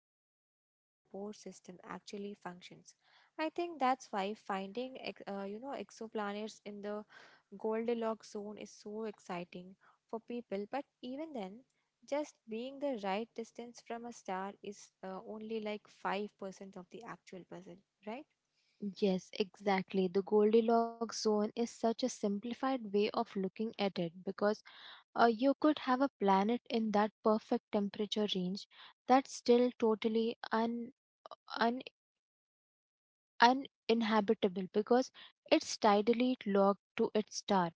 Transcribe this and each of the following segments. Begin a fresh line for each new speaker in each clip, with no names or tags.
how the life support system actually functions. I think that's why finding exoplanets in the Goldilocks zone is so exciting for people, but even then, just being the right distance from a star is only like 5% of the actual puzzle, right?
Yes, exactly. The Goldilocks zone is such a simplified way of looking at it, because you could have a planet in that perfect temperature range that's still totally un- uninhabitable because it's tidally locked to its star.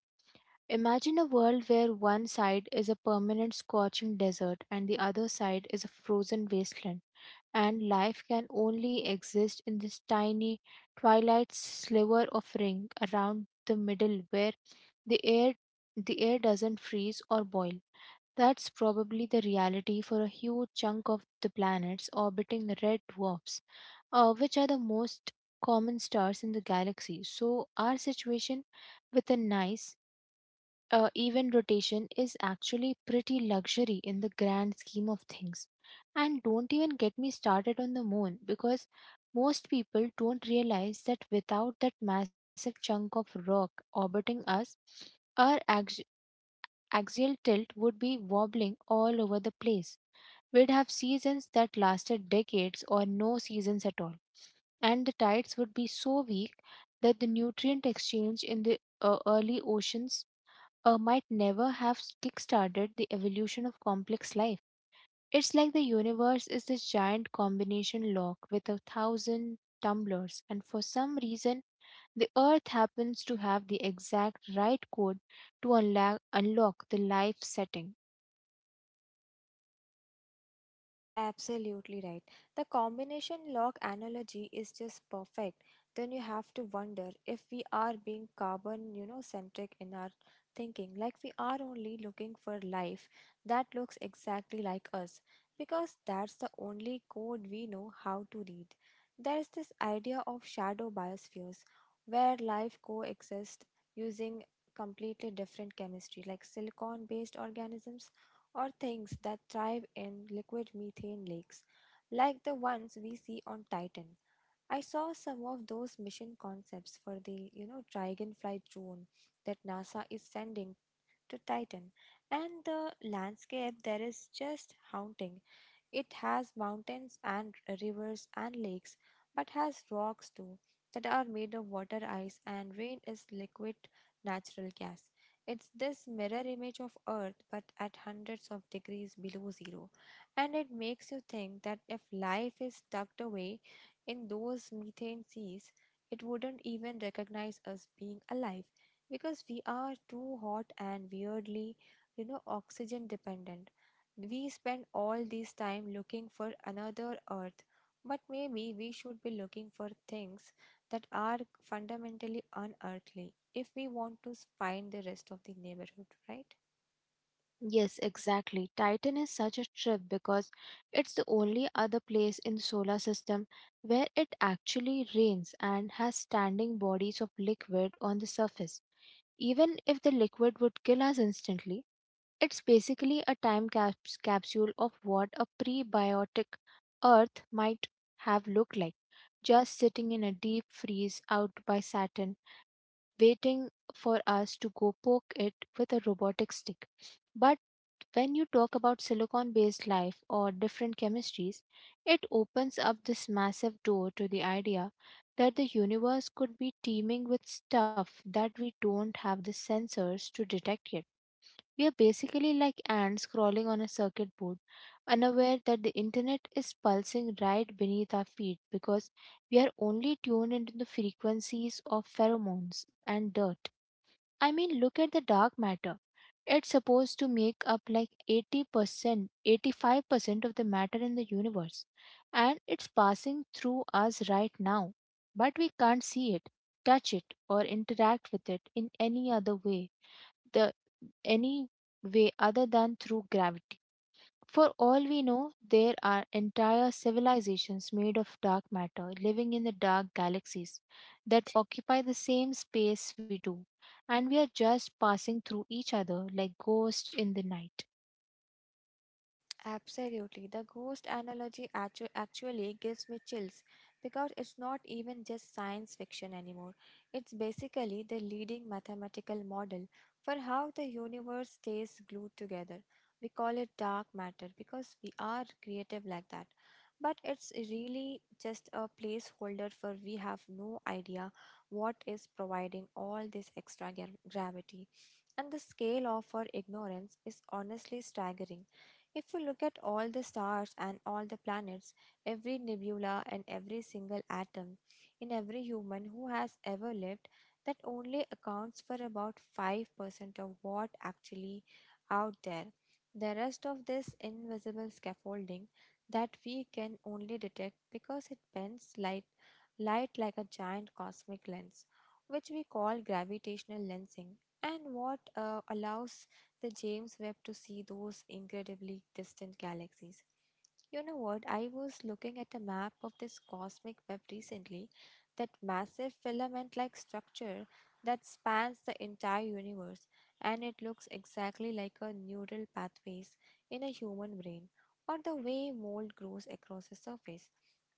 Imagine a world where one side is a permanent scorching desert and the other side is a frozen wasteland, and life can only exist in this tiny twilight sliver of ring around the middle, where the air the air doesn't freeze or boil. That's probably the reality for a huge chunk of the planet's orbiting red dwarfs, which are the most common stars in the galaxy. So, our situation with a nice, even rotation is actually pretty luxury in the grand scheme of things. And don't even get me started on the moon, because most people don't realize that without that massive chunk of rock orbiting us, our axial tilt would be wobbling all over the place. We'd have seasons that lasted decades, or no seasons at all, and the tides would be so weak that the nutrient exchange in the early oceans might never have kickstarted the evolution of complex life. It's like the universe is this giant combination lock with a thousand tumblers, and for some reason, the Earth happens to have the exact right code to unlock the life setting.
Absolutely right. The combination log analogy is just perfect. Then you have to wonder if we are being carbon centric in our thinking, like we are only looking for life that looks exactly like us, because that's the only code we know how to read. There's this idea of shadow biospheres, where life coexists using completely different chemistry, like silicon based organisms or things that thrive in liquid methane lakes, like the ones we see on Titan. I saw some of those mission concepts for the Dragonfly drone that NASA is sending to Titan, and the landscape there is just haunting. It has mountains and rivers and lakes, but has rocks too that are made of water ice and rain is liquid natural gas. It's this mirror image of Earth but at hundreds of degrees below zero. And it makes you think that if life is tucked away in those methane seas, it wouldn't even recognize us being alive because we are too hot and weirdly, oxygen dependent. We spend all this time looking for another earth, but maybe we should be looking for things that are fundamentally unearthly if we want to find the rest of the neighborhood, right?
Yes, exactly. Titan is such a trip, because it's the only other place in the solar system where it actually rains and has standing bodies of liquid on the surface. Even if the liquid would kill us instantly, it's basically a time capsule of what a prebiotic Earth might have looked like, just sitting in a deep freeze out by Saturn, waiting for us to go poke it with a robotic stick. But when you talk about silicon based life or different chemistries, it opens up this massive door to the idea that the universe could be teeming with stuff that we don't have the sensors to detect yet. We are basically like ants crawling on a circuit board, unaware that the internet is pulsing right beneath our feet, because we are only tuned into the frequencies of pheromones and dirt. I mean, look at the dark matter. It's supposed to make up like 80%, 85% of the matter in the universe, and it's passing through us right now. But we can't see it, touch it, or interact with it in any other way. The any way other than through gravity. For all we know, there are entire civilizations made of dark matter living in the dark galaxies that occupy the same space we do, and we are just passing through each other like ghosts in the night.
Absolutely. The ghost actually gives me chills because it's not even just science fiction anymore. It's basically the leading mathematical model for how the universe stays glued together. We call it dark matter because we are creative like that. But it's really just a placeholder for we have no idea what is providing all this gravity. And the scale of our ignorance is honestly staggering if you look at all the stars and all the planets, every nebula and every single atom in every human who has ever lived, that only accounts for about 5% of what actually out there. The rest of this invisible scaffolding that we can only detect because it bends light like a giant cosmic lens, which we call gravitational lensing, and what allows the James Webb to see those incredibly distant galaxies. You know what? I was looking at a map of this cosmic web recently, that massive filament like structure that spans the entire universe, and it looks exactly like a neural pathways in a human brain or the way mold grows across a surface.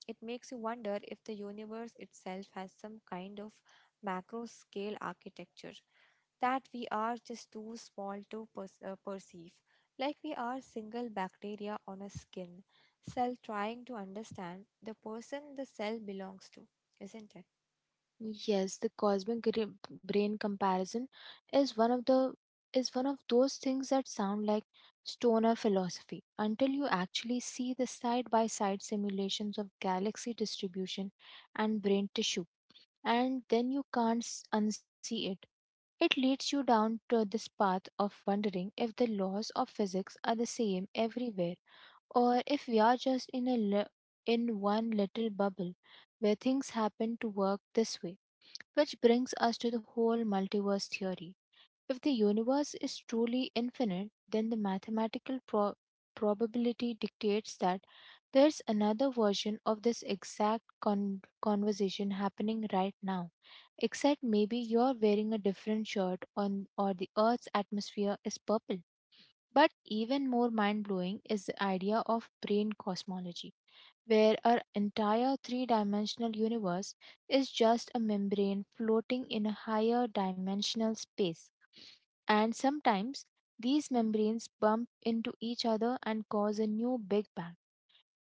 It makes you wonder if the universe itself has some kind of macro scale architecture that we are just too small to perceive, like we are single bacteria on a skin cell trying to understand the person the cell belongs to, isn't it?
Yes, the cosmic brain comparison is one of the is one of those things that sound like stoner philosophy, until you actually see the side by side simulations of galaxy distribution and brain tissue, and then you can't unsee it. It leads you down to this path of wondering if the laws of physics are the same everywhere, or if we are just in one little bubble where things happen to work this way. Which brings us to the whole multiverse theory. If the universe is truly infinite, then the mathematical probability dictates that there's another version of this exact conversation happening right now. Except maybe you're wearing a different shirt on, or the earth's atmosphere is purple. But even more mind-blowing is the idea of brain cosmology, where our entire three dimensional universe is just a membrane floating in a higher dimensional space. And sometimes these membranes bump into each other and cause a new Big Bang.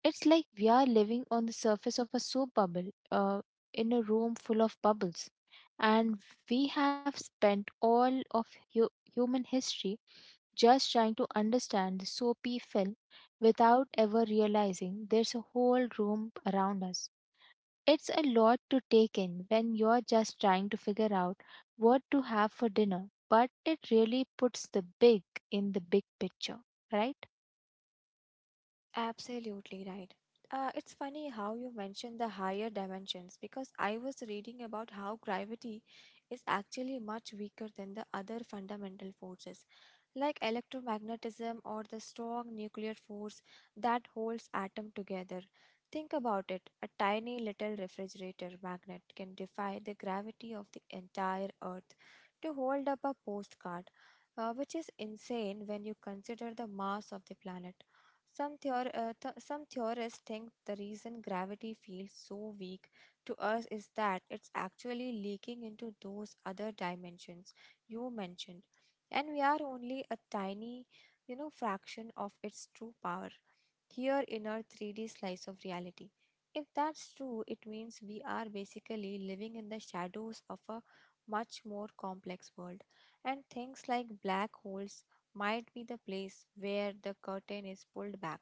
It's like we are living on the surface of a soap bubble, in a room full of bubbles. And we have spent all of hu- human history just trying to understand the soapy film without ever realizing there's a whole room around us. It's a lot to take in when you're just trying to figure out what to have for dinner, but it really puts the big in the big picture, right?
Absolutely right. It's funny how you mentioned the higher dimensions because I was reading about how gravity is actually much weaker than the other fundamental forces like electromagnetism or the strong nuclear force that holds atom together. Think about it. A tiny little refrigerator magnet can defy the gravity of the entire earth to hold up a postcard, which is insane when you consider the mass of the planet. Some theorists think the reason gravity feels so weak to us is that it's actually leaking into those other dimensions you mentioned, and we are only a tiny fraction of its true power here in our 3D slice of reality. If that's true, it means we are basically living in the shadows of a much more complex world, and things like black holes might be the place where the curtain is pulled back.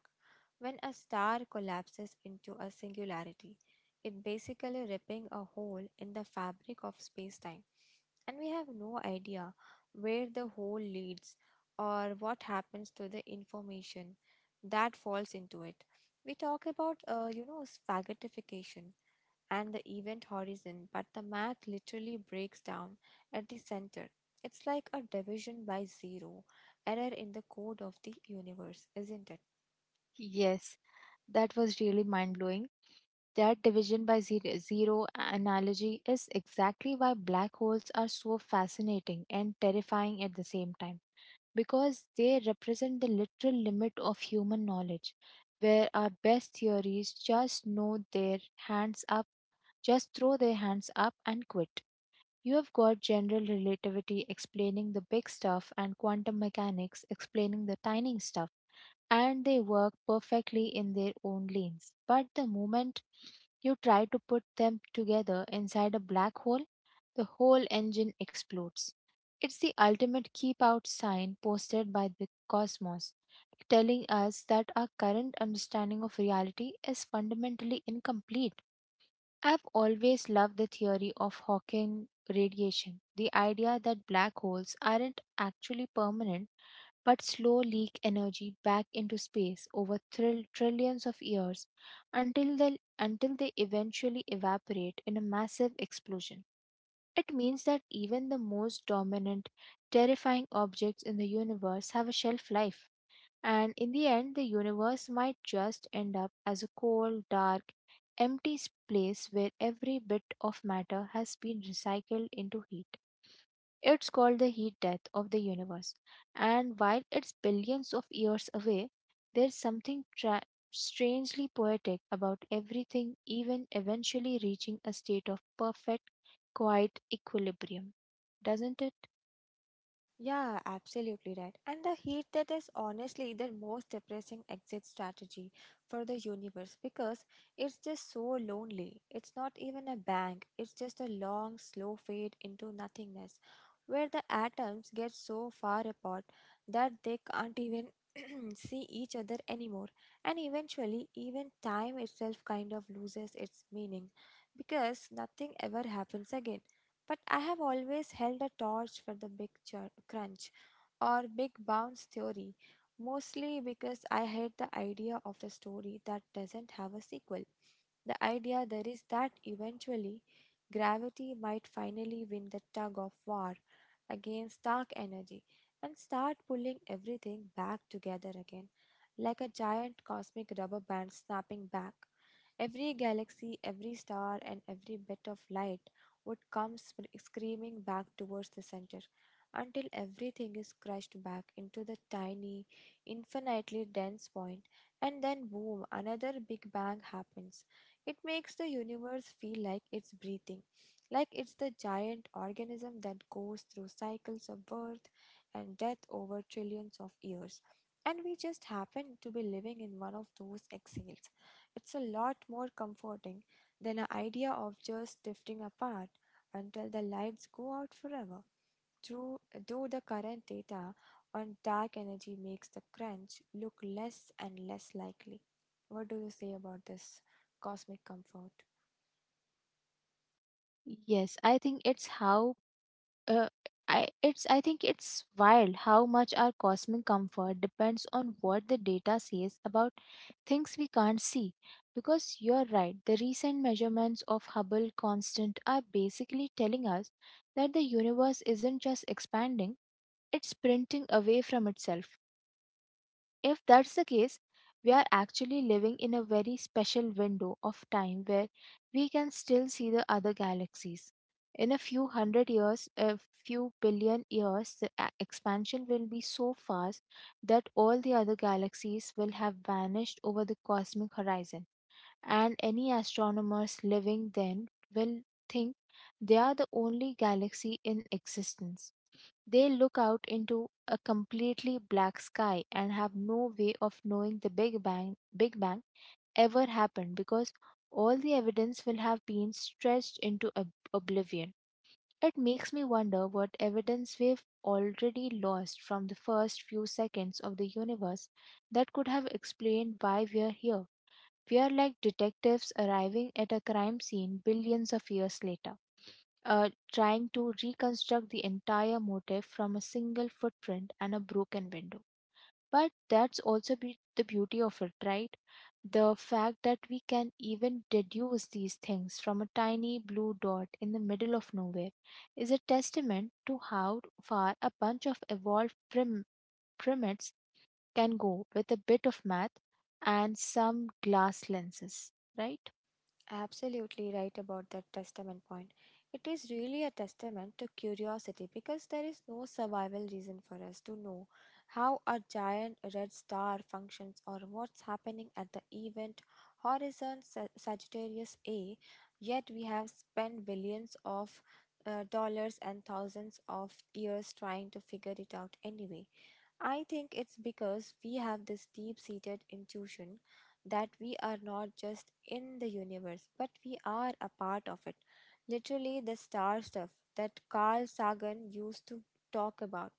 When a star collapses into a singularity, it basically ripping a hole in the fabric of space-time, and we have no idea where the hole leads or what happens to the information that falls into it. We talk about, spaghettification and the event horizon, but the math literally breaks down at the center. It's like a division by zero error in the code of the universe, isn't it?
Yes, that was really mind blowing. That division by zero analogy is exactly why black holes are so fascinating and terrifying at the same time, because they represent the literal limit of human knowledge, where our best theories just know their hands up, just throw their hands up and quit. You have got general relativity explaining the big stuff and quantum mechanics explaining the tiny stuff, and they work perfectly in their own lanes. But the moment you try to put them together inside a black hole, the whole engine explodes. It's the ultimate keep out sign posted by the cosmos, telling us that our current understanding of reality is fundamentally incomplete. I've always loved the theory of Hawking radiation, the idea that black holes aren't actually permanent, but slow leak energy back into space over trillions of years until they eventually evaporate in a massive explosion. It means that even the most dominant, terrifying objects in the universe have a shelf life, and in the end, the universe might just end up as a cold, dark, empty place where every bit of matter has been recycled into heat. It's called the heat death of the universe. And while it's billions of years away, there's something strangely poetic about everything, even eventually reaching a state of perfect, quiet equilibrium. Doesn't it?
Yeah, absolutely right. And the heat that is honestly the most depressing exit strategy for the universe because it's just so lonely. It's not even a bang, it's just a long, slow fade into nothingness where the atoms get so far apart that they can't even see each other anymore. And eventually, even time itself kind of loses its meaning because nothing ever happens again. But I have always held a torch for the crunch or big bounce theory, mostly because I hate the idea of the story that doesn't have a sequel. The idea there is that eventually gravity might finally win the tug of war against dark energy and start pulling everything back together again, like a giant cosmic rubber band snapping back. Every galaxy, every star, and every bit of light would come screaming back towards the center until everything is crushed back into the tiny, infinitely dense point, and then boom, another big bang happens. It makes the universe feel like it's breathing, like it's the giant organism that goes through cycles of birth and death over trillions of years. And we just happen to be living in one of those exhales. It's a lot more comforting than an idea of just drifting apart until the lights go out forever. Through, though the current data on dark energy makes the crunch look less and less likely. What do you say about this cosmic comfort?
Yes, uh, I think it's wild how much our cosmic comfort depends on what the data says about things we can't see. Because you're right, the recent measurements of Hubble constant are basically telling us that the universe isn't just expanding, it's printing away from itself. If that's the case, we are actually living in a very special window of time where we can still see the other galaxies. In a few hundred years, a few billion years, the expansion will be so fast that all the other galaxies will have vanished over the cosmic horizon, and any astronomers living then will think they are the only galaxy in existence. They look out into a completely black sky and have no way of knowing the Big Bang ever happened because all the evidence will have been stretched into oblivion. It makes me wonder what evidence we've already lost from the first few seconds of the universe that could have explained why we're here. We are like detectives arriving at a crime scene billions of years later trying to reconstruct the entire motif from a single footprint and a broken window. But that's also the beauty of it, right? The fact that we can even deduce these things from a tiny blue dot in the middle of nowhere is a testament to how far a bunch of evolved primates can go with a bit of math and some glass lenses, right?
Absolutely right about that testament point. It is really a testament to curiosity because there is no survival reason for us to know how a giant red star functions or what's happening at the event horizon Sagittarius A, yet we have spent billions of dollars and thousands of years trying to figure it out anyway. I think it's because we have this deep seated intuition that we are not just in the universe, but we are a part of it. Literally, the star stuff that Carl Sagan used to talk about.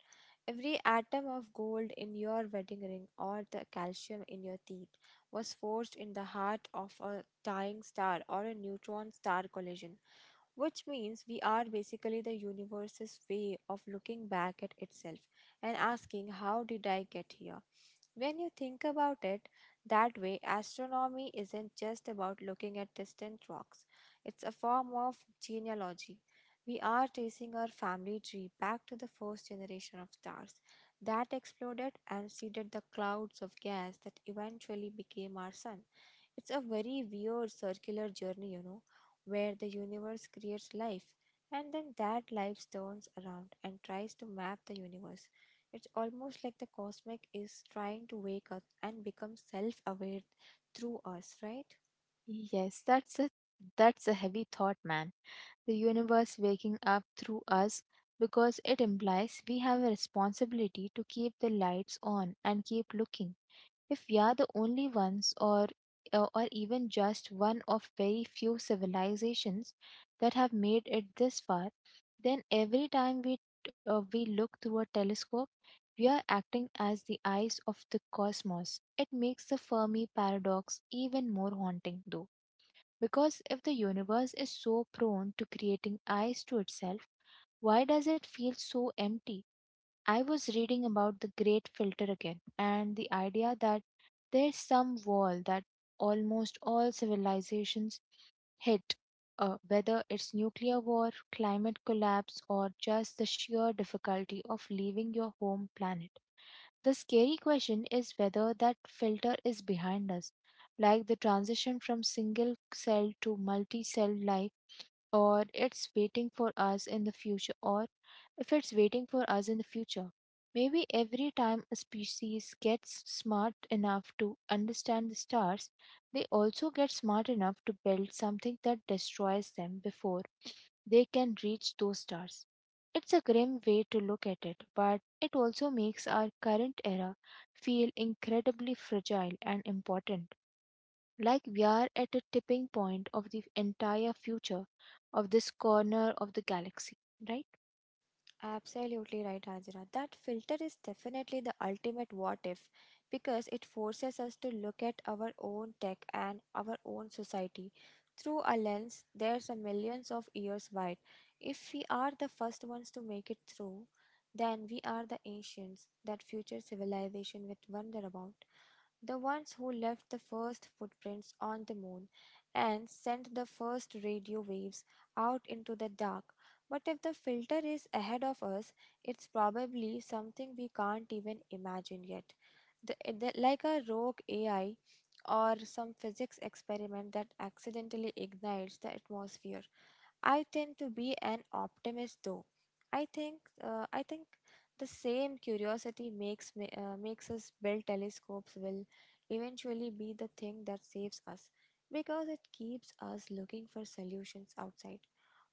Every atom of gold in your wedding ring or the calcium in your teeth was forged in the heart of a dying star or a neutron star collision. Which means we are basically the universe's way of looking back at itself and asking, how did I get here? When you think about it that way, astronomy isn't just about looking at distant rocks, it's a form of genealogy. We are tracing our family tree back to the first generation of stars that exploded and seeded the clouds of gas that eventually became our sun. It's a very weird circular journey, you know, where the universe creates life and then that life turns around and tries to map the universe. It's almost like the cosmic is trying to wake up and become self aware through us, right?
Yes, that's a heavy thought, man. The universe waking up through us, because it implies we have a responsibility to keep the lights on and keep looking. If we are the only ones, or even just one of very few civilizations that have made it this far, then every time we we look through a telescope, we are acting as the eyes of the cosmos. It makes the Fermi paradox even more haunting, though, because if the universe is so prone to creating eyes to itself, why does it feel so empty? I was reading about the great filter again, and the idea that there's some wall that almost all civilizations hit, whether it's nuclear war, climate collapse, or just the sheer difficulty of leaving your home planet. The scary question is whether that filter is behind us, like the transition from single cell to multi cell life, or it's waiting for us in the future, or if it's waiting for us in the future. Maybe every time a species gets smart enough to understand the stars, they also get smart enough to build something that destroys them before they can reach those stars. It's a grim way to look at it, but it also makes our current era feel incredibly fragile and important. Like we are at a tipping point of the entire future of this corner of the galaxy, right?
Absolutely right, Hajra. That filter is definitely the ultimate what if, because it forces us to look at our own tech and our own society through a lens there's a millions of years wide. If we are the first ones to make it through, then we are the ancients that future civilization will wonder about, the ones who left the first footprints on the moon and sent the first radio waves out into the dark. But if the filter is ahead of us, it's probably something we can't even imagine yet. Like a rogue AI or some physics experiment that accidentally ignites the atmosphere. I tend to be an optimist though. I think the same curiosity makes makes us build telescopes will eventually be the thing that saves us because it keeps us looking for solutions outside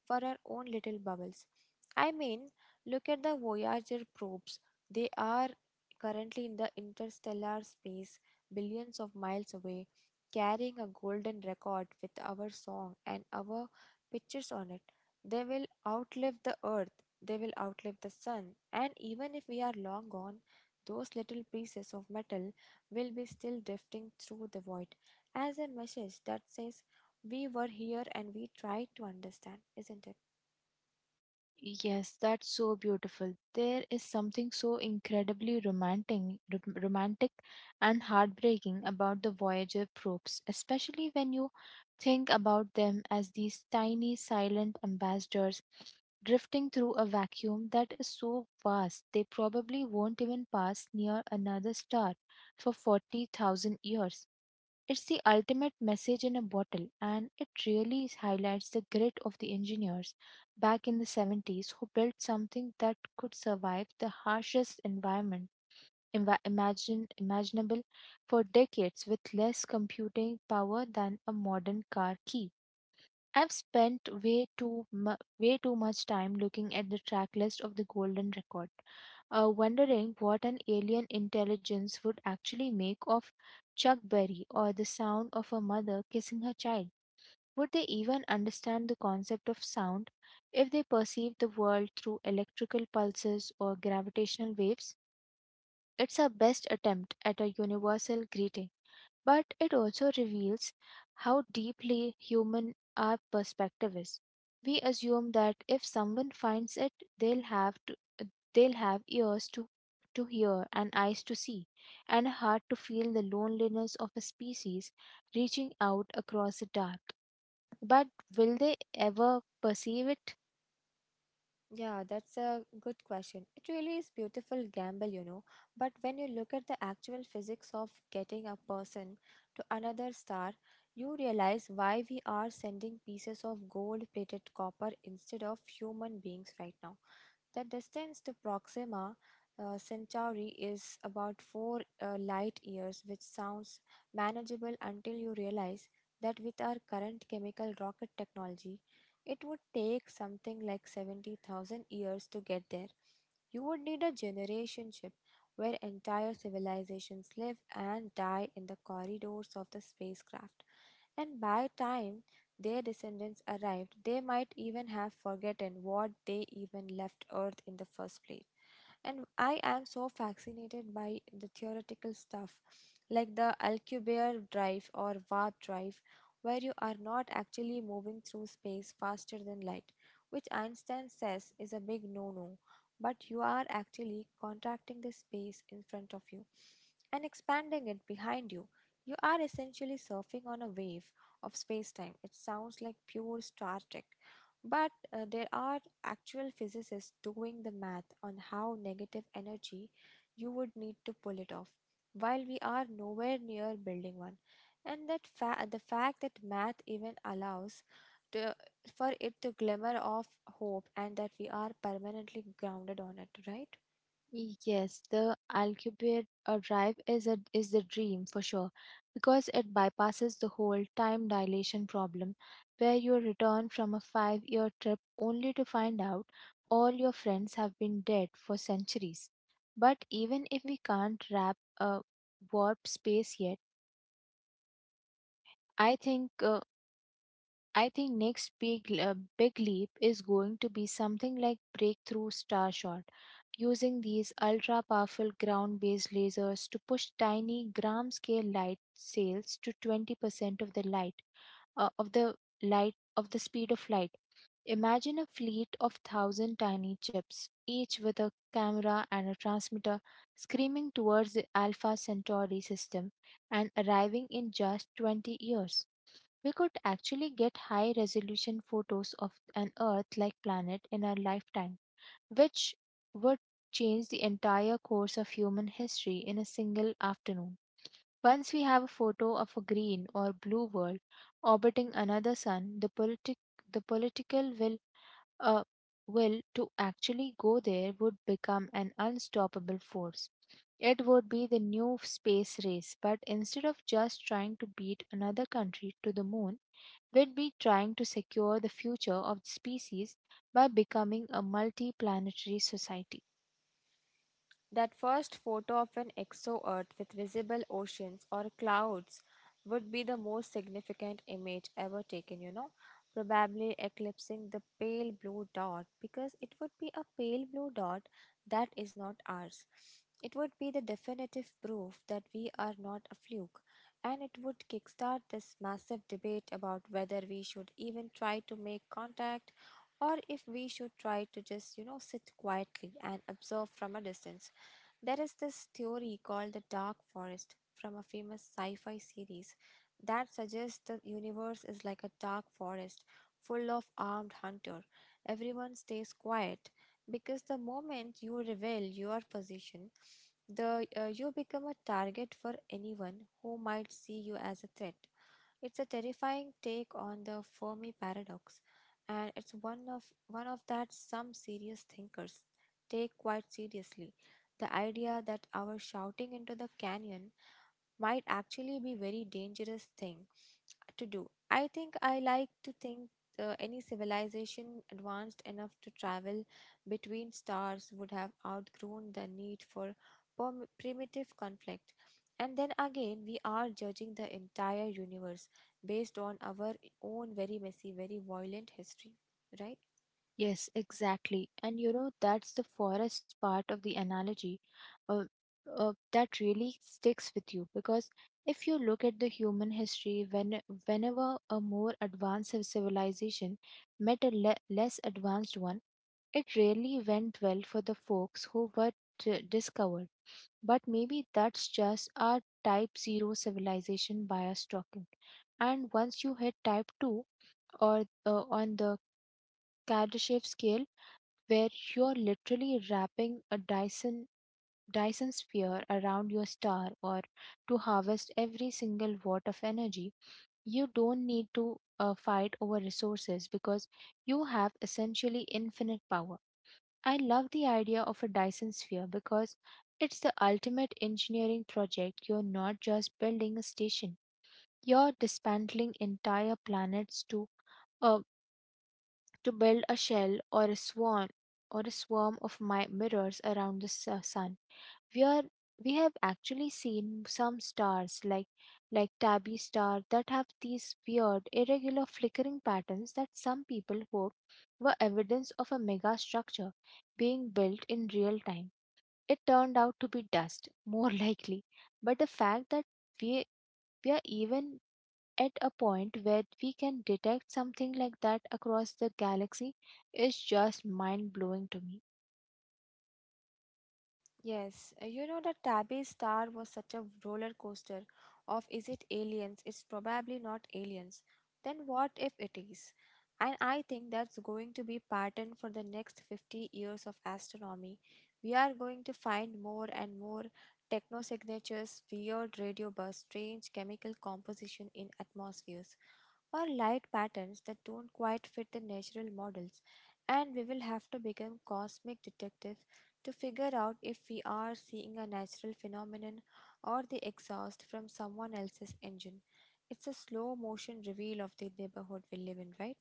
for our own little bubbles. I mean, look at the Voyager probes. They are currently in the interstellar space, billions of miles away, carrying a golden record with our song and our pictures on it. They will outlive the Earth, they will outlive the Sun, and even if we are long gone, those little pieces of metal will be still drifting through the void as a message that says we were here and we tried to understand, isn't it?
Yes, that's so beautiful. There is something so incredibly romantic, romantic and heartbreaking about the Voyager probes, especially when you think about them as these tiny silent ambassadors drifting through a vacuum that is so vast they probably won't even pass near another star for 40,000 years. It's the ultimate message in a bottle, and it really highlights the grit of the engineers back in the 70s who built something that could survive the harshest environment imaginable for decades with less computing power than a modern car key. I've spent way too much time looking at the track list of the Golden Record, wondering what an alien intelligence would actually make of Chuck Berry or the sound of a mother kissing her child. Would they even understand the concept of sound if they perceived the world through electrical pulses or gravitational waves? It's our best attempt at a universal greeting, but it also reveals how deeply human our perspective is. We assume that if someone finds it, they'll have to, they'll have ears to hear and eyes to see and a heart to feel the loneliness of a species reaching out across the dark. But will they ever perceive it?
Yeah, that's a good question. It really is beautiful gamble, you know. But when you look at the actual physics of getting a person to another star, you realize why we are sending pieces of gold-plated copper instead of human beings right now. The distance to Proxima Centauri is about four light years, which sounds manageable until you realize that with our current chemical rocket technology, it would take something like 70,000 years to get there. You would need a generation ship where entire civilizations live and die in the corridors of the spacecraft. And by time their descendants arrived, they might even have forgotten what they even left Earth in the first place. And I am so fascinated by the theoretical stuff like the Alcubierre drive or warp drive where you are not actually moving through space faster than light, which Einstein says is a big no no, but you are actually contracting the space in front of you and expanding it behind you. You are essentially surfing on a wave of space time. It sounds like pure Star Trek, but there are actual physicists doing the math on how negative energy you would need to pull it off, while we are nowhere near building one and the fact that math even allows to, for it to glimmer of hope and that we are permanently grounded on it, right?
Yes, the Alcubierre drive is the dream for sure, because it bypasses the whole time dilation problem where you return from a five-year trip only to find out all your friends have been dead for centuries. But even if we can't wrap a warp space yet, I think uh, I think next big big leap is going to be something like breakthrough starshot, using these ultra powerful ground based lasers to push tiny gram scale light sails to 20% of the light of the light of the speed of light. Imagine a fleet of thousand tiny chips, each with a camera and a transmitter, screaming towards the Alpha Centauri system and arriving in just 20 years. We could actually get high resolution photos of an Earth like planet in our lifetime, which would change the entire course of human history in a single afternoon. Once we have a photo of a green or blue world orbiting another sun, the politic the political will uh, will to actually go there would become an unstoppable force. It would be the new space race, but instead of just trying to beat another country to the moon, would be trying to secure the future of the species by becoming a multi planetary society.
That first photo of an exo earth with visible oceans or clouds would be the most significant image ever taken, you know, probably eclipsing the pale blue dot because it would be a pale blue dot that is not ours. It would be the definitive proof that we are not a fluke, and it would kickstart this massive debate about whether we should even try to make contact or if we should try to just, you know, sit quietly and observe from a distance. There is this theory called the dark forest from a famous sci fi series that suggests the universe is like a dark forest full of armed hunter. Everyone stays quiet because the moment you reveal your position, the you become a target for anyone who might see you as a threat. It's a terrifying take on the Fermi paradox, and it's one of that some serious thinkers take quite seriously. The idea that our shouting into the canyon might actually be very dangerous thing to do. I think I like to think any civilization advanced enough to travel between stars would have outgrown the need for primitive conflict. And then again, we are judging the entire universe based on our own very messy, very violent history, right?
Yes, exactly. And you know, that's the forest part of the analogy uh, that really sticks with you, because if you look at the human history, whenever a more advanced civilization met a less advanced one, it rarely went well for the folks who were discovered. But maybe that's just our type 0 civilization bias talking. And once you hit type 2, or on the Kardashev scale, where you're literally wrapping a Dyson sphere around your star or to harvest every single watt of energy, you don't need to fight over resources, because you have essentially infinite power. I love the idea of a Dyson sphere because it's the ultimate engineering project. You're not just building a station, you're dismantling entire planets uh, to build a shell or a swarm of my mirrors around the sun. We are we have actually seen some stars like Tabby star that have these weird irregular flickering patterns that some people hope were evidence of a mega structure being built in real time. It turned out to be dust, more likely. But the fact that we we are even at a point where we can detect something like that across the galaxy is just mind blowing to me.
Yes, you know that Tabby's star was such a roller coaster of, is it aliens? It's probably not aliens. Then what if it is? And I think that's going to be pattern for the next 50 years of astronomy. We are going to find more and more techno signatures, weird radio bursts, strange chemical composition in atmospheres, or light patterns that don't quite fit the natural models. And we will have to become cosmic detectives to figure out if we are seeing a natural phenomenon or the exhaust from someone else's engine. It's a slow motion reveal of the neighborhood we live in, right?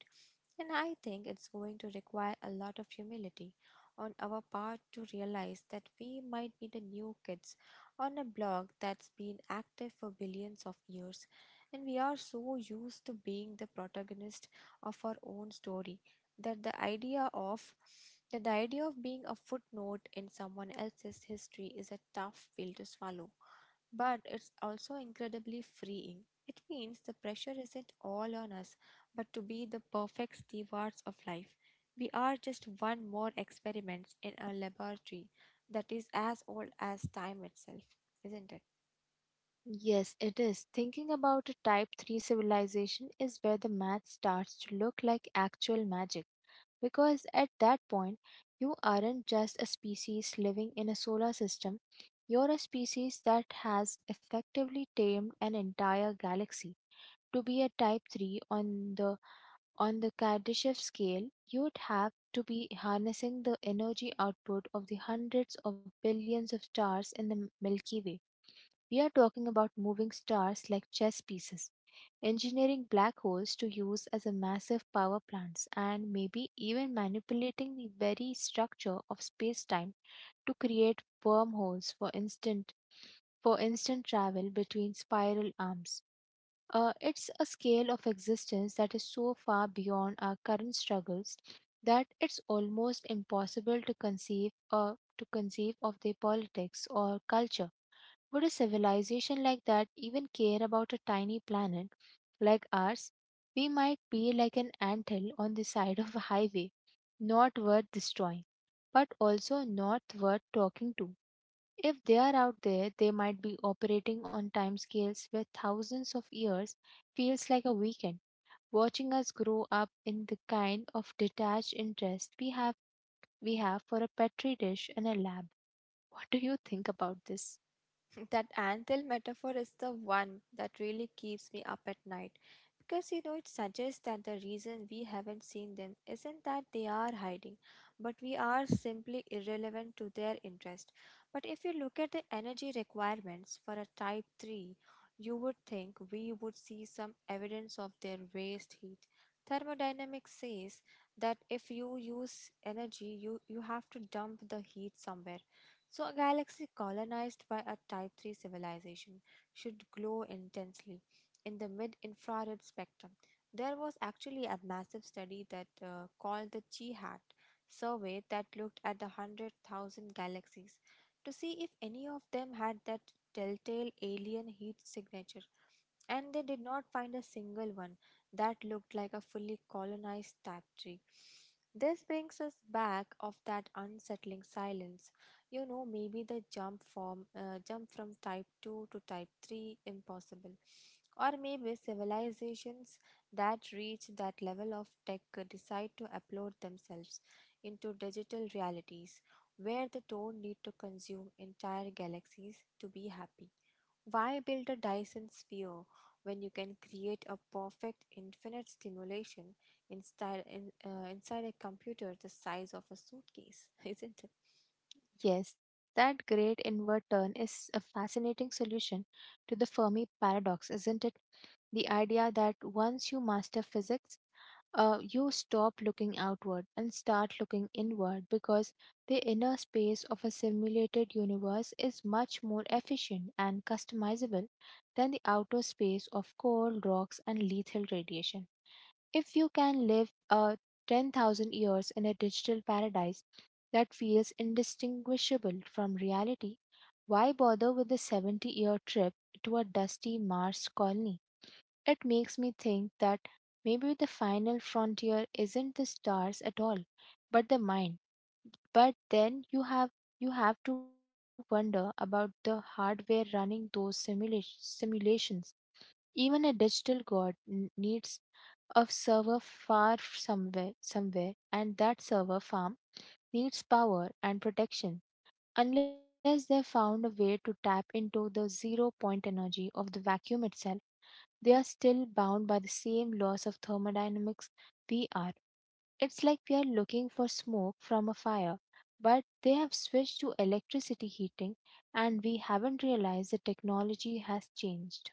And I think it's going to require a lot of humility on our part to realize that we might be the new kids on a block that's been active for billions of years, and we are so used to being the protagonist of our own story that the idea of being a footnote in someone else's history is a tough pill to swallow, but it's also incredibly freeing. It means the pressure isn't all on us, but to be the perfect stewards of life. We are just one more experiment in a laboratory that is as old as time itself, isn't it?
Yes, it is. Thinking about a Type 3 civilization is where the math starts to look like actual magic. Because at that point, you aren't just a species living in a solar system, you're a species that has effectively tamed an entire galaxy. To be a type 3 the on the Kardashev scale, you'd have to be harnessing the energy output of the hundreds of billions of stars in the Milky Way. We are talking about moving stars like chess pieces, engineering black holes to use as a massive power plants, and maybe even manipulating the very structure of space-time to create wormholes for instant travel between spiral arms. It's a scale of existence that is so far beyond our current struggles that it's almost impossible to conceive, or to conceive of their politics or culture. Would a civilization like that even care about a tiny planet like ours? We might be like an anthill on the side of a highway, not worth destroying, but also not worth talking to. If they are out there, they might be operating on timescales where thousands of years feels like a weekend, watching us grow up in the kind of detached interest we have for a petri dish and a lab. What do you think about this?
That anvil metaphor is the one that really keeps me up at night because, you know, it suggests that the reason we haven't seen them isn't that they are hiding, but we are simply irrelevant to their interest. But if you look at the energy requirements for a type 3, you would think we would see some evidence of their waste heat. Thermodynamics says that if you use energy, you have to dump the heat somewhere, so a galaxy colonized by a Type 3 civilization should glow intensely in the mid infrared spectrum. There was actually a massive study that called the Chi-Hat survey that looked at the 100,000 galaxies to see if any of them had that telltale alien heat signature, and they did not find a single one that looked like a fully colonized tapestry. This brings us back of that unsettling silence. You know, maybe the jump from type 2 to type 3 impossible. Or maybe civilizations that reach that level of tech could decide to upload themselves into digital realities where they don't need to consume entire galaxies to be happy. Why build a Dyson sphere when you can create a perfect infinite stimulation inside a computer the size of a suitcase, isn't it?
Yes, that great inward turn is a fascinating solution to the Fermi paradox, isn't it? The idea that once you master physics, you stop looking outward and start looking inward, because the inner space of a simulated universe is much more efficient and customizable than the outer space of cold rocks and lethal radiation. If you can live 10,000 years in a digital paradise that feels indistinguishable from reality, why bother with the 70-year trip to a dusty Mars colony? It makes me think that maybe the final frontier isn't the stars at all, but the mind. But then you have to wonder about the hardware running those simulations. Even a digital god needs a server far somewhere, and that server farm needs power and protection. Unless they found a way to tap into the zero-point energy of the vacuum itself, they are still bound by the same laws of thermodynamics we are. It's like we are looking for smoke from a fire, but they have switched to electricity heating and we haven't realized the technology has changed.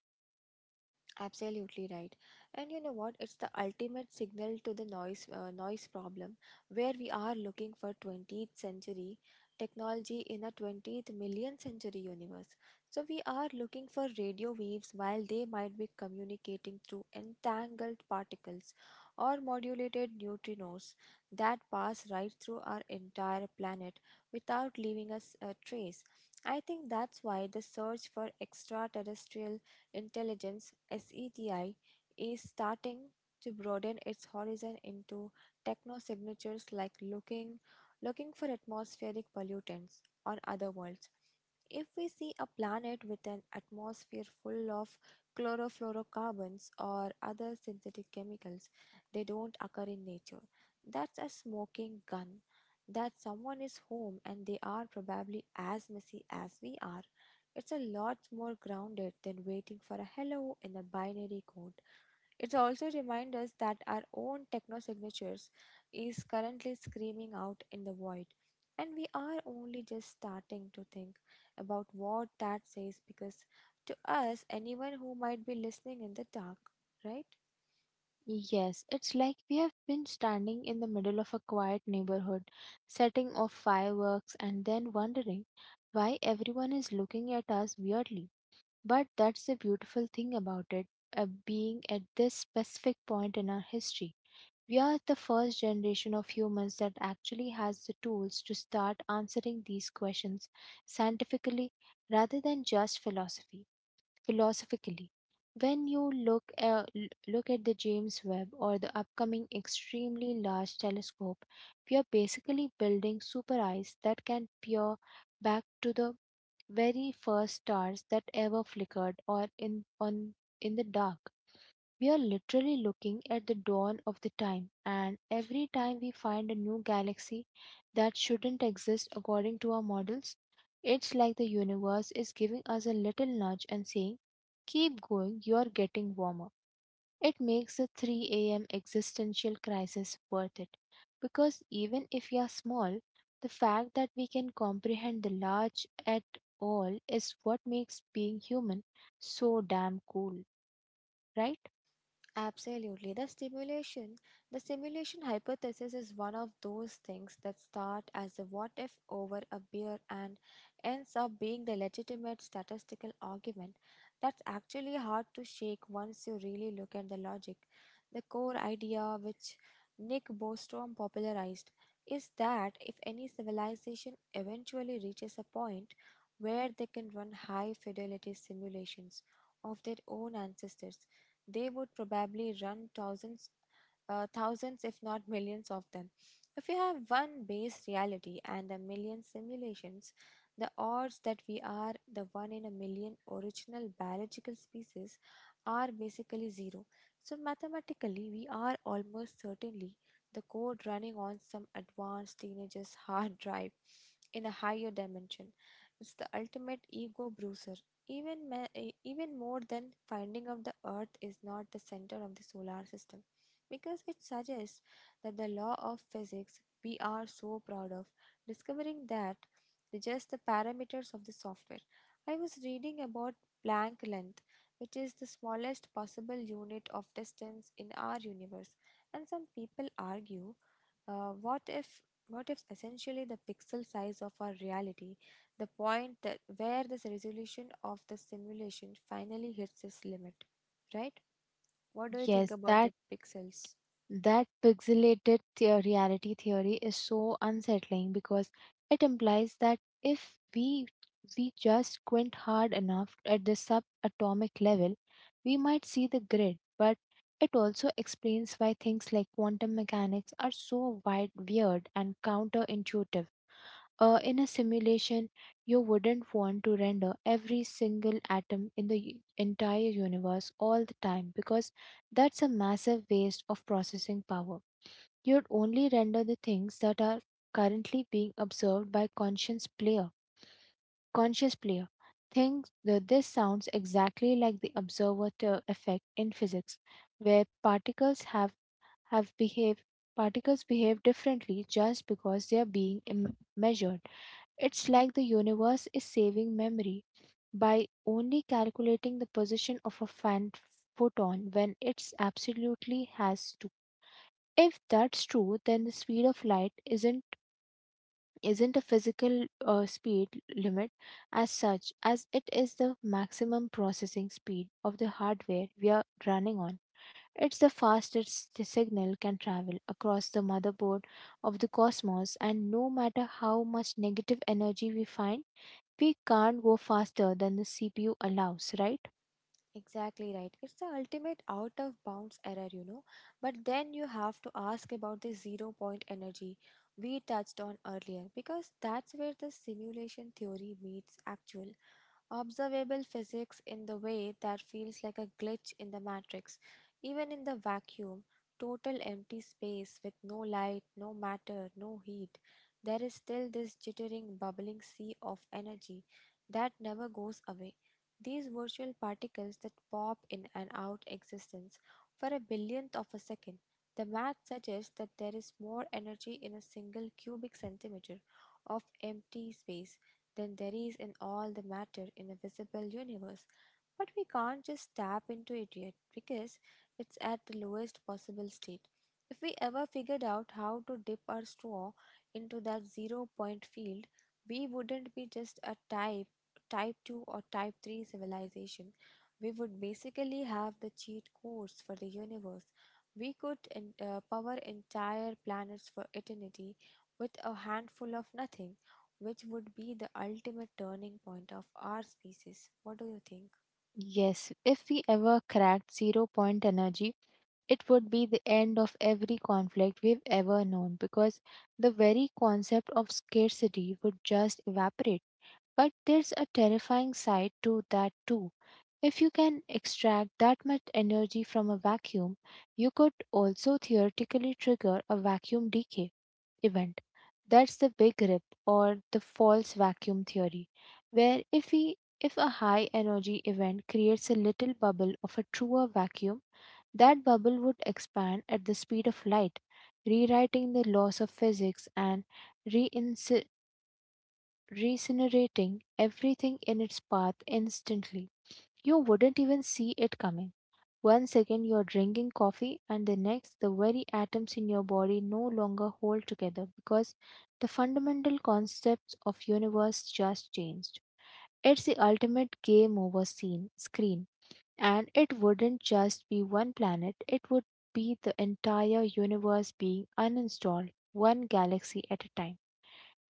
Absolutely right. And you know what? It's the ultimate signal to the noise noise problem where we are looking for 20th century technology in a 20th million century universe. So we are looking for radio waves while they might be communicating through entangled particles or modulated neutrinos that pass right through our entire planet without leaving us a trace. I think that's why the search for extraterrestrial intelligence SETI is starting to broaden its horizon into technosignatures like looking for atmospheric pollutants on other worlds. If we see a planet with an atmosphere full of chlorofluorocarbons or other synthetic chemicals, they don't occur in nature. That's a smoking gun. That someone is home and they are probably as messy as we are. It's a lot more grounded than waiting for a hello in a binary code. It also reminds us that our own techno signatures is currently screaming out in the void, and we are only just starting to think about what that says because to us, anyone who might be listening in the dark, right?
Yes, it's like we have been standing in the middle of a quiet neighborhood, setting off fireworks and then wondering why everyone is looking at us weirdly. But that's the beautiful thing about it, being at this specific point in our history. We are the first generation of humans that actually has the tools to start answering these questions scientifically rather than just philosophy philosophically. When you look at the James Webb or the upcoming extremely large telescope, we are basically building super eyes that can peer back to the very first stars that ever flickered or in on in the dark. We are literally looking at the dawn of the time, and every time we find a new galaxy that shouldn't exist according to our models, it's like the universe is giving us a little nudge and saying, keep going, you are getting warmer. It makes the 3 a.m. existential crisis worth it because even if we are small, the fact that we can comprehend the large at all is what makes being human so damn cool, right?
Absolutely. The simulation hypothesis is one of those things that start as a what if over a beer and ends up being the legitimate statistical argument that's actually hard to shake once you really look at the logic. The core idea, which Nick Bostrom popularized, is that if any civilization eventually reaches a point where they can run high fidelity simulations of their own ancestors, they would probably run thousands if not millions of them. If you have one base reality and a million simulations, the odds that we are the one in a million original biological species are basically zero. So mathematically we are almost certainly the code running on some advanced teenager's hard drive in a higher dimension. It's the ultimate ego bruiser, even more than finding out the Earth is not the center of the solar system, because it suggests that the law of physics we are so proud of, discovering that the just the parameters of the software. I was reading about Planck length, which is the smallest possible unit of distance in our universe, and some people argue, what if essentially the pixel size of our reality, the point that where this resolution of the simulation finally hits its limit, right? What do you think
Yes,
about
that
the pixels?
That pixelated reality theory is so unsettling because it implies that if we just squint hard enough at the subatomic level, we might see the grid. But it also explains why things like quantum mechanics are so weird and counterintuitive. In a simulation, you wouldn't want to render every single atom in the entire universe all the time because that's a massive waste of processing power. You'd only render the things that are currently being observed by conscious player. Conscious player. Things that This sounds exactly like the observer effect in physics, where have behave particles behave differently just because they are being measured. It's like the universe is saving memory by only calculating the position of a fan photon when it's absolutely has to. If that's true, then the speed of light isn't a physical speed limit as such as it is the maximum processing speed of the hardware we are running on. It's the fastest the signal can travel across the motherboard of the cosmos, and no matter how much negative energy we find, we can't go faster than the CPU allows, right?
Exactly right. It's the ultimate out of bounds error, you know. But then you have to ask about the zero point energy we touched on earlier, because that's where the simulation theory meets actual observable physics in the way that feels like a glitch in the matrix. Even in the vacuum, total empty space with no light, no matter, no heat, there is still this jittering, bubbling sea of energy that never goes away. These virtual particles that pop in and out existence for a billionth of a second. The math suggests that there is more energy in a single cubic centimeter of empty space than there is in all the matter in a visible universe. But we can't just tap into it yet because it's at the lowest possible state. If we ever figured out how to dip our straw into that zero point field, we wouldn't be just a type 2 or type 3 civilization. We would basically have the cheat codes for the universe. We could power entire planets for eternity with a handful of nothing, which would be the ultimate turning point of our species. What do you think?
Yes, if we ever cracked zero point energy, it would be the end of every conflict we've ever known because the very concept of scarcity would just evaporate. But there's a terrifying side to that too. If you can extract that much energy from a vacuum, you could also theoretically trigger a vacuum decay event. That's the big rip or the false vacuum theory, where if a high energy event creates a little bubble of a truer vacuum, that bubble would expand at the speed of light, rewriting the laws of physics and reinci- reincinerating everything in its path instantly. You wouldn't even see it coming. One second you're drinking coffee, and the next, the very atoms in your body no longer hold together because the fundamental concepts of universe just changed. It's the ultimate game over screen, and it wouldn't just be one planet, it would be the entire universe being uninstalled, one galaxy at a time.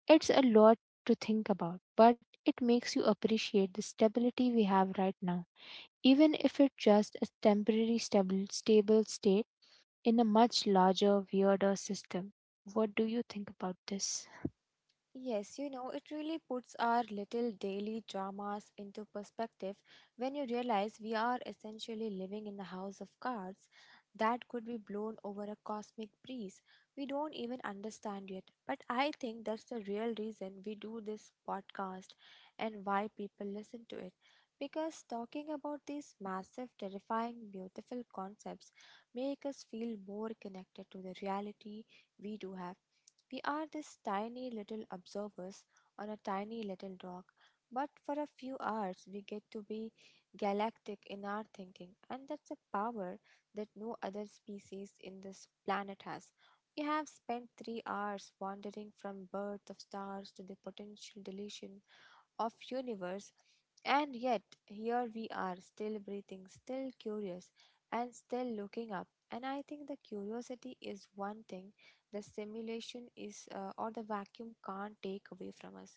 It's a lot to think about, but it makes you appreciate the stability we have right now even if it's just a temporary stable state in a much larger, weirder system. What do you think about this?
Yes, you know, it really puts our little daily dramas into perspective when you realize we are essentially living in the house of cards that could be blown over a cosmic breeze we don't even understand yet. But I think that's the real reason we do this podcast and why people listen to it. Because talking about these massive, terrifying, beautiful concepts make us feel more connected to the reality we do have. We are these tiny little observers on a tiny little rock, but for a few hours we get to be galactic in our thinking, and that's a power that no other species in this planet has. We have spent 3 hours wandering from birth of stars to the potential deletion of universe, and yet here we are, still breathing, still curious, and still looking up. And I think the curiosity is one thing the simulation is, or the vacuum, can't take away from us.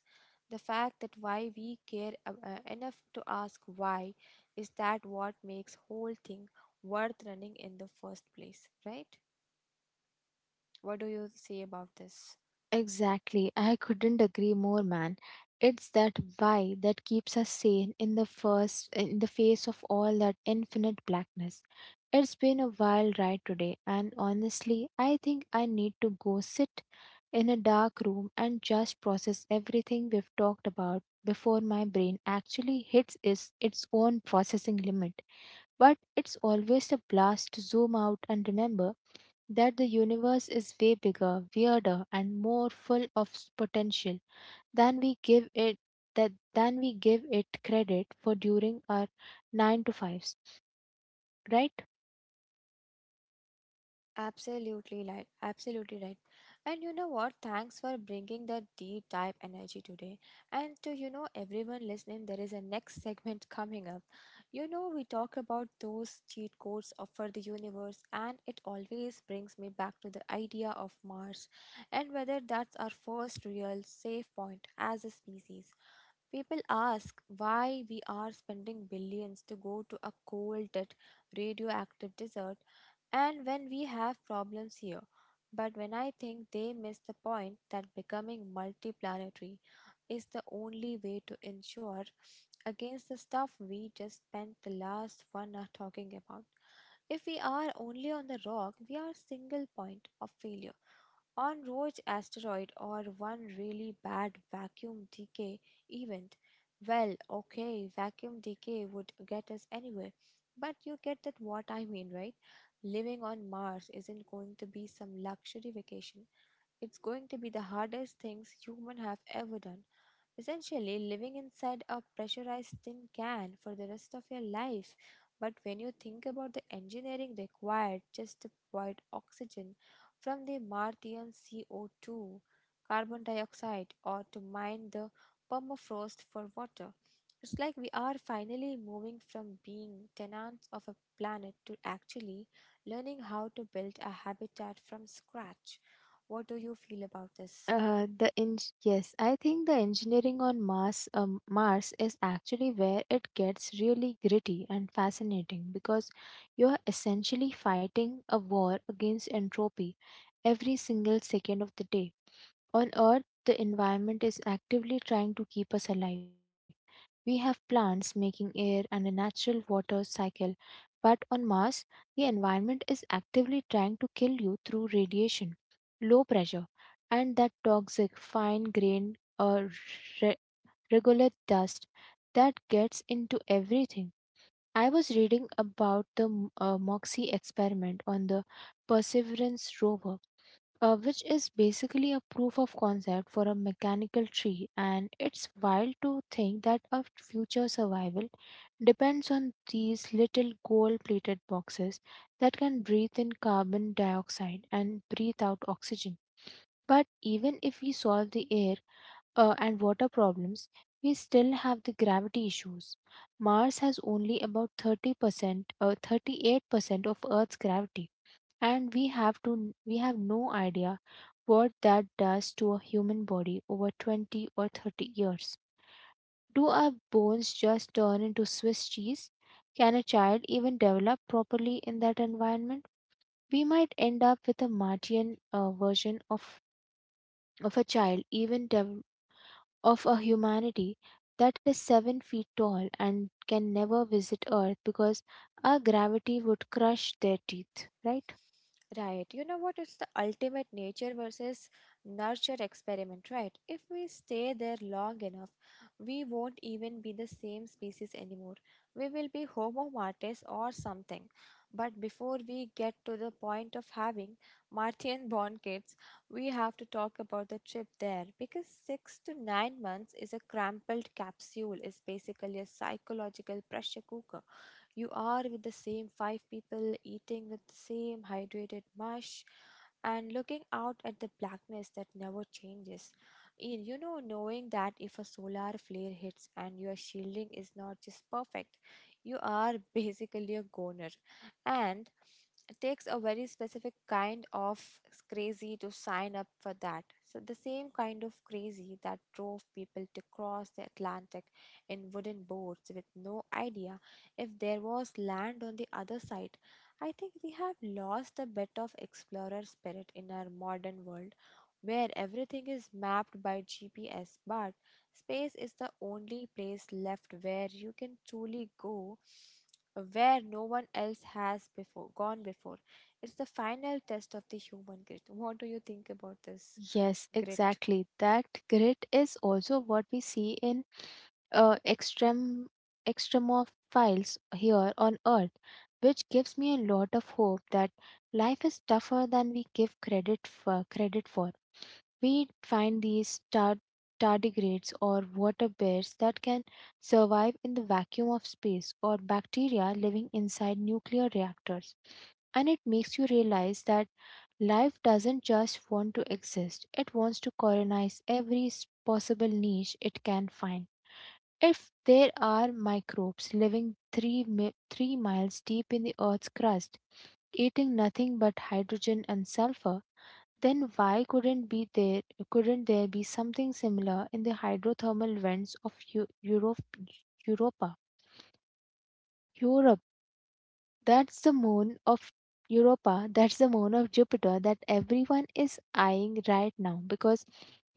The fact that why we care enough to ask why is that what makes whole thing worth running in the first place, right? What do you say about this?
Exactly. I couldn't agree more, man. It's that why that keeps us sane in the first in the face of all that infinite blackness. It's been a wild ride today, and honestly, I think I need to go sit in a dark room and just process everything we've talked about before my brain actually hits its own processing limit. But it's always a blast to zoom out and remember that the universe is way bigger, weirder, and more full of potential than we give it than we give it credit for during our nine to fives, right?
Absolutely right. Absolutely right. And you know what? Thanks for bringing the deep dive energy today. And to, you know, everyone listening, there is a next segment coming up. You know we talk about those cheat codes of for the universe, and it always brings me back to the idea of Mars, and whether that's our first real safe point as a species. People ask why we are spending billions to go to a cold, dead, radioactive desert and when we have problems here. But when I think they miss the point that becoming multiplanetary is the only way to ensure against the stuff we just spent the last 1 hour talking about. If we are only on the rock, we are single point of failure. On roach asteroid or one really bad vacuum decay event, well, okay, vacuum decay would get us anywhere, but you get that what I mean, right? Living on Mars isn't going to be some luxury vacation. It's going to be the hardest things human have ever done. Essentially, living inside a pressurized tin can for the rest of your life. But when you think about the engineering required just to provide oxygen from the Martian CO2, carbon dioxide, or to mine the permafrost for water, it's like we are finally moving from being tenants of a planet to actually learning how to build a habitat from scratch. What do you feel about this?
The eng yes, I think the engineering on Mars, Mars is actually where it gets really gritty and fascinating because you are essentially fighting a war against entropy every single second of the day. On Earth, the environment is actively trying to keep us alive. We have plants making air and a natural water cycle. But on Mars, the environment is actively trying to kill you through radiation, low pressure, and that toxic fine grained or re- regular dust that gets into everything. I was reading about the MOXIE experiment on the Perseverance rover, which is basically a proof of concept for a mechanical tree. And it's wild to think that our future survival depends on these little gold plated boxes that can breathe in carbon dioxide and breathe out oxygen. But even if we solve the air and water problems, we still have the gravity issues. Mars has only about 38% of Earth's gravity, and we have no idea what that does to a human body over 20 or 30 years. Do our bones just turn into swiss cheese? Can a child even develop properly in that environment? We might end up with a martian version of a child even dev- of a humanity that is 7 feet tall and can never visit earth because our gravity would crush their teeth, right?
Right. You know what? It's the ultimate nature versus nurture experiment, right? If we stay there long enough, we won't even be the same species anymore. We will be Homo martes or something. But before we get to the point of having Martian born kids, we have to talk about the trip there, because 6 to 9 months is a crumpled capsule, is basically a psychological pressure cooker. You are with the same five people, eating with the same hydrated mush, and looking out at the blackness that never changes. You know, knowing that if a solar flare hits and your shielding is not just perfect, you are basically a goner. And it takes a very specific kind of crazy to sign up for that. So, the same kind of crazy that drove people to cross the Atlantic in wooden boats with no idea if there was land on the other side. I think we have lost a bit of explorer spirit in our modern world where everything is mapped by GPS, but space is the only place left where you can truly go where no one else has before gone before. It's the final test of the human grit. What do you think about this
Yes,
grit?
exactly. That grit is also what we see in extreme extremophiles here on Earth, which gives me a lot of hope that life is tougher than we give credit for. We find these tardigrades or water bears that can survive in the vacuum of space, or bacteria living inside nuclear reactors, and it makes you realize that life doesn't just want to exist, it wants to colonize every possible niche it can find. If there are microbes living three miles deep in the Earth's crust, eating nothing but hydrogen and sulfur, then why couldn't be there couldn't there be something similar in the hydrothermal vents of Eu- Europe Europa? Europe That's the moon of Jupiter that everyone is eyeing right now because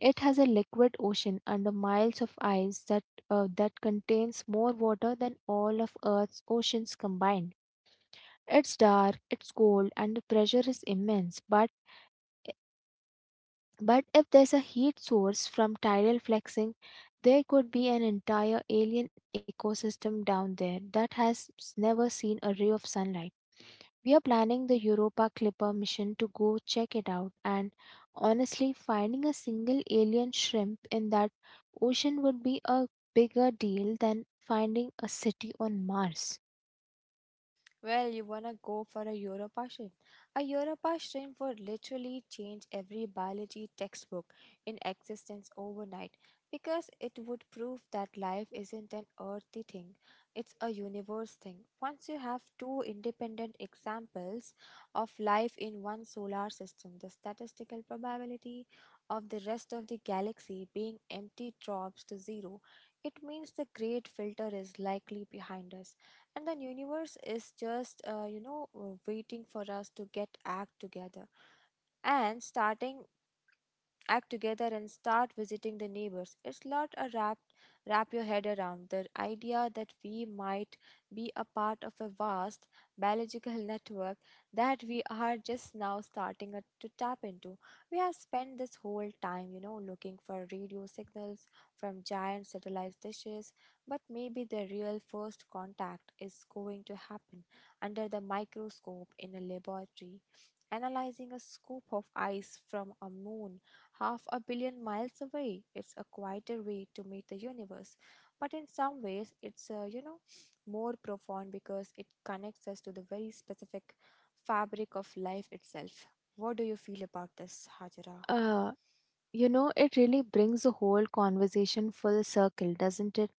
it has a liquid ocean under miles of ice that that contains more water than all of Earth's oceans combined. It's dark, it's cold, and the pressure is immense, but if there's a heat source from tidal flexing, there could be an entire alien ecosystem down there that has never seen a ray of sunlight. We are planning the Europa Clipper mission to go check it out, and honestly, finding a single alien shrimp in that ocean would be a bigger deal than finding a city on Mars.
Well, you wanna go for a Europassion? A Europassion would literally change every biology textbook in existence overnight, because it would prove that life isn't an earthy thing, it's a universe thing. Once you have two independent examples of life in one solar system, the statistical probability of the rest of the galaxy being empty drops to zero. It means the great filter is likely behind us and the universe is just, you know, waiting for us to get act together and start visiting the neighbors. It's not a wrap your head around the idea that we might be a part of a vast biological network that we are just now to tap into. We have spent this whole time, you know, looking for radio signals from giant satellite dishes, but maybe the real first contact is going to happen under the microscope in a laboratory analyzing a scoop of ice from a moon half a billion miles away. It's a quieter way to meet the universe, but in some ways, it's, you know, more profound because it connects us to the very specific fabric of life itself. What do you feel about this, Hajra?
Uh, you know, it really brings the whole conversation full circle, doesn't it?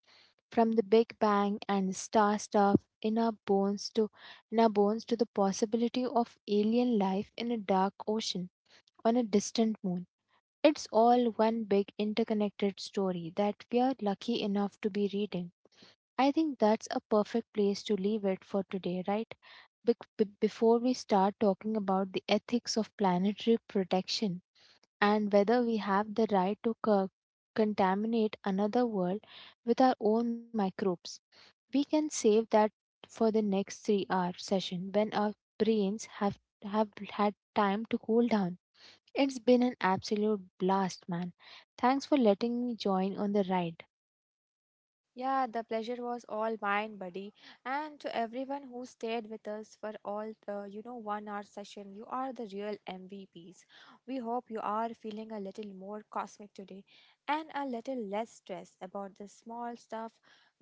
From the Big Bang and star stuff in our bones to the possibility of alien life in a dark ocean on a distant moon. It's all one big interconnected story that we are lucky enough to be reading. I think that's a perfect place to leave it for today, right? Before we start talking about the ethics of planetary protection and whether we have the right to contaminate another world with our own microbes, we can save that for the next three-hour session when our brains have had time to cool down. It's been an absolute blast, man. Thanks for letting me join on the ride.
Yeah, the pleasure was all mine, buddy. And to everyone who stayed with us for all the, you know, 1 hour session, you are the real MVPs. We hope you are feeling a little more cosmic today and a little less stressed about the small stuff.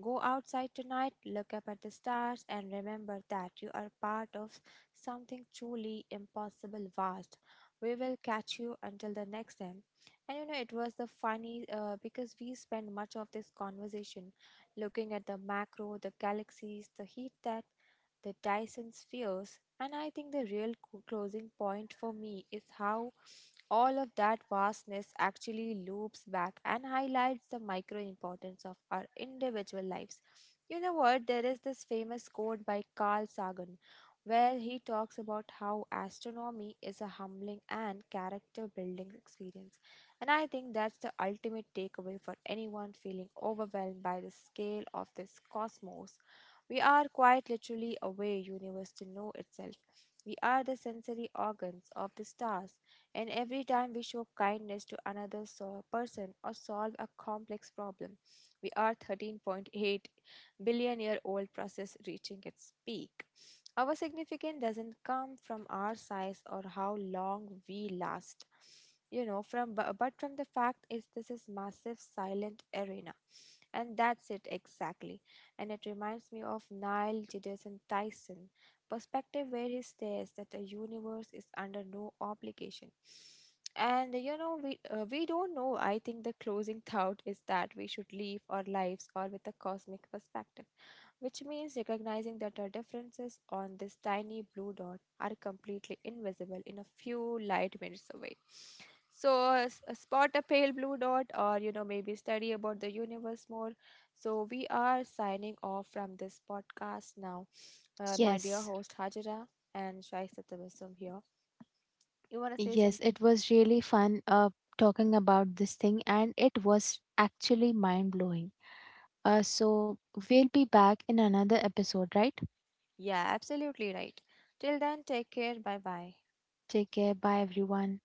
Go outside tonight, look up at the stars, and remember that you are part of something truly impossible vast. We will catch you until the next time. And you know, it was the funny because we spent much of this conversation looking at the macro, the galaxies, the heat death, the Dyson spheres. And I think the real closing point for me is how all of that vastness actually loops back and highlights the micro importance of our individual lives. You know what? There is this famous quote by Carl Sagan where he talks about how astronomy is a humbling and character building experience. And I think that's the ultimate takeaway for anyone feeling overwhelmed by the scale of this cosmos. We are quite literally a way universe to know itself. We are the sensory organs of the stars, and every time we show kindness to another person or solve a complex problem, we are 13.8 billion year old process reaching its peak. Our significance doesn't come from our size or how long we last, you know, from but from the fact is this is massive silent arena. And that's it exactly. And it reminds me of Neil deGrasse Tyson perspective where he states that the universe is under no obligation. And you know, we don't know. I think the closing thought is that we should live our lives or with a cosmic perspective, which means recognizing that the differences on this tiny blue dot are completely invisible in a few light minutes away. So, spot a pale blue dot, or you know, maybe study about the universe more. So, we are signing off from this podcast now. My dear
Yes,
host Hajira and Shaista Tabassum here. You want to say
yes,
something?
it was really fun talking about this thing, and it was actually mind blowing. So, we'll be back in another episode, right?
Yeah, absolutely right. Till then, take care. Bye bye.
Take care. Bye, everyone.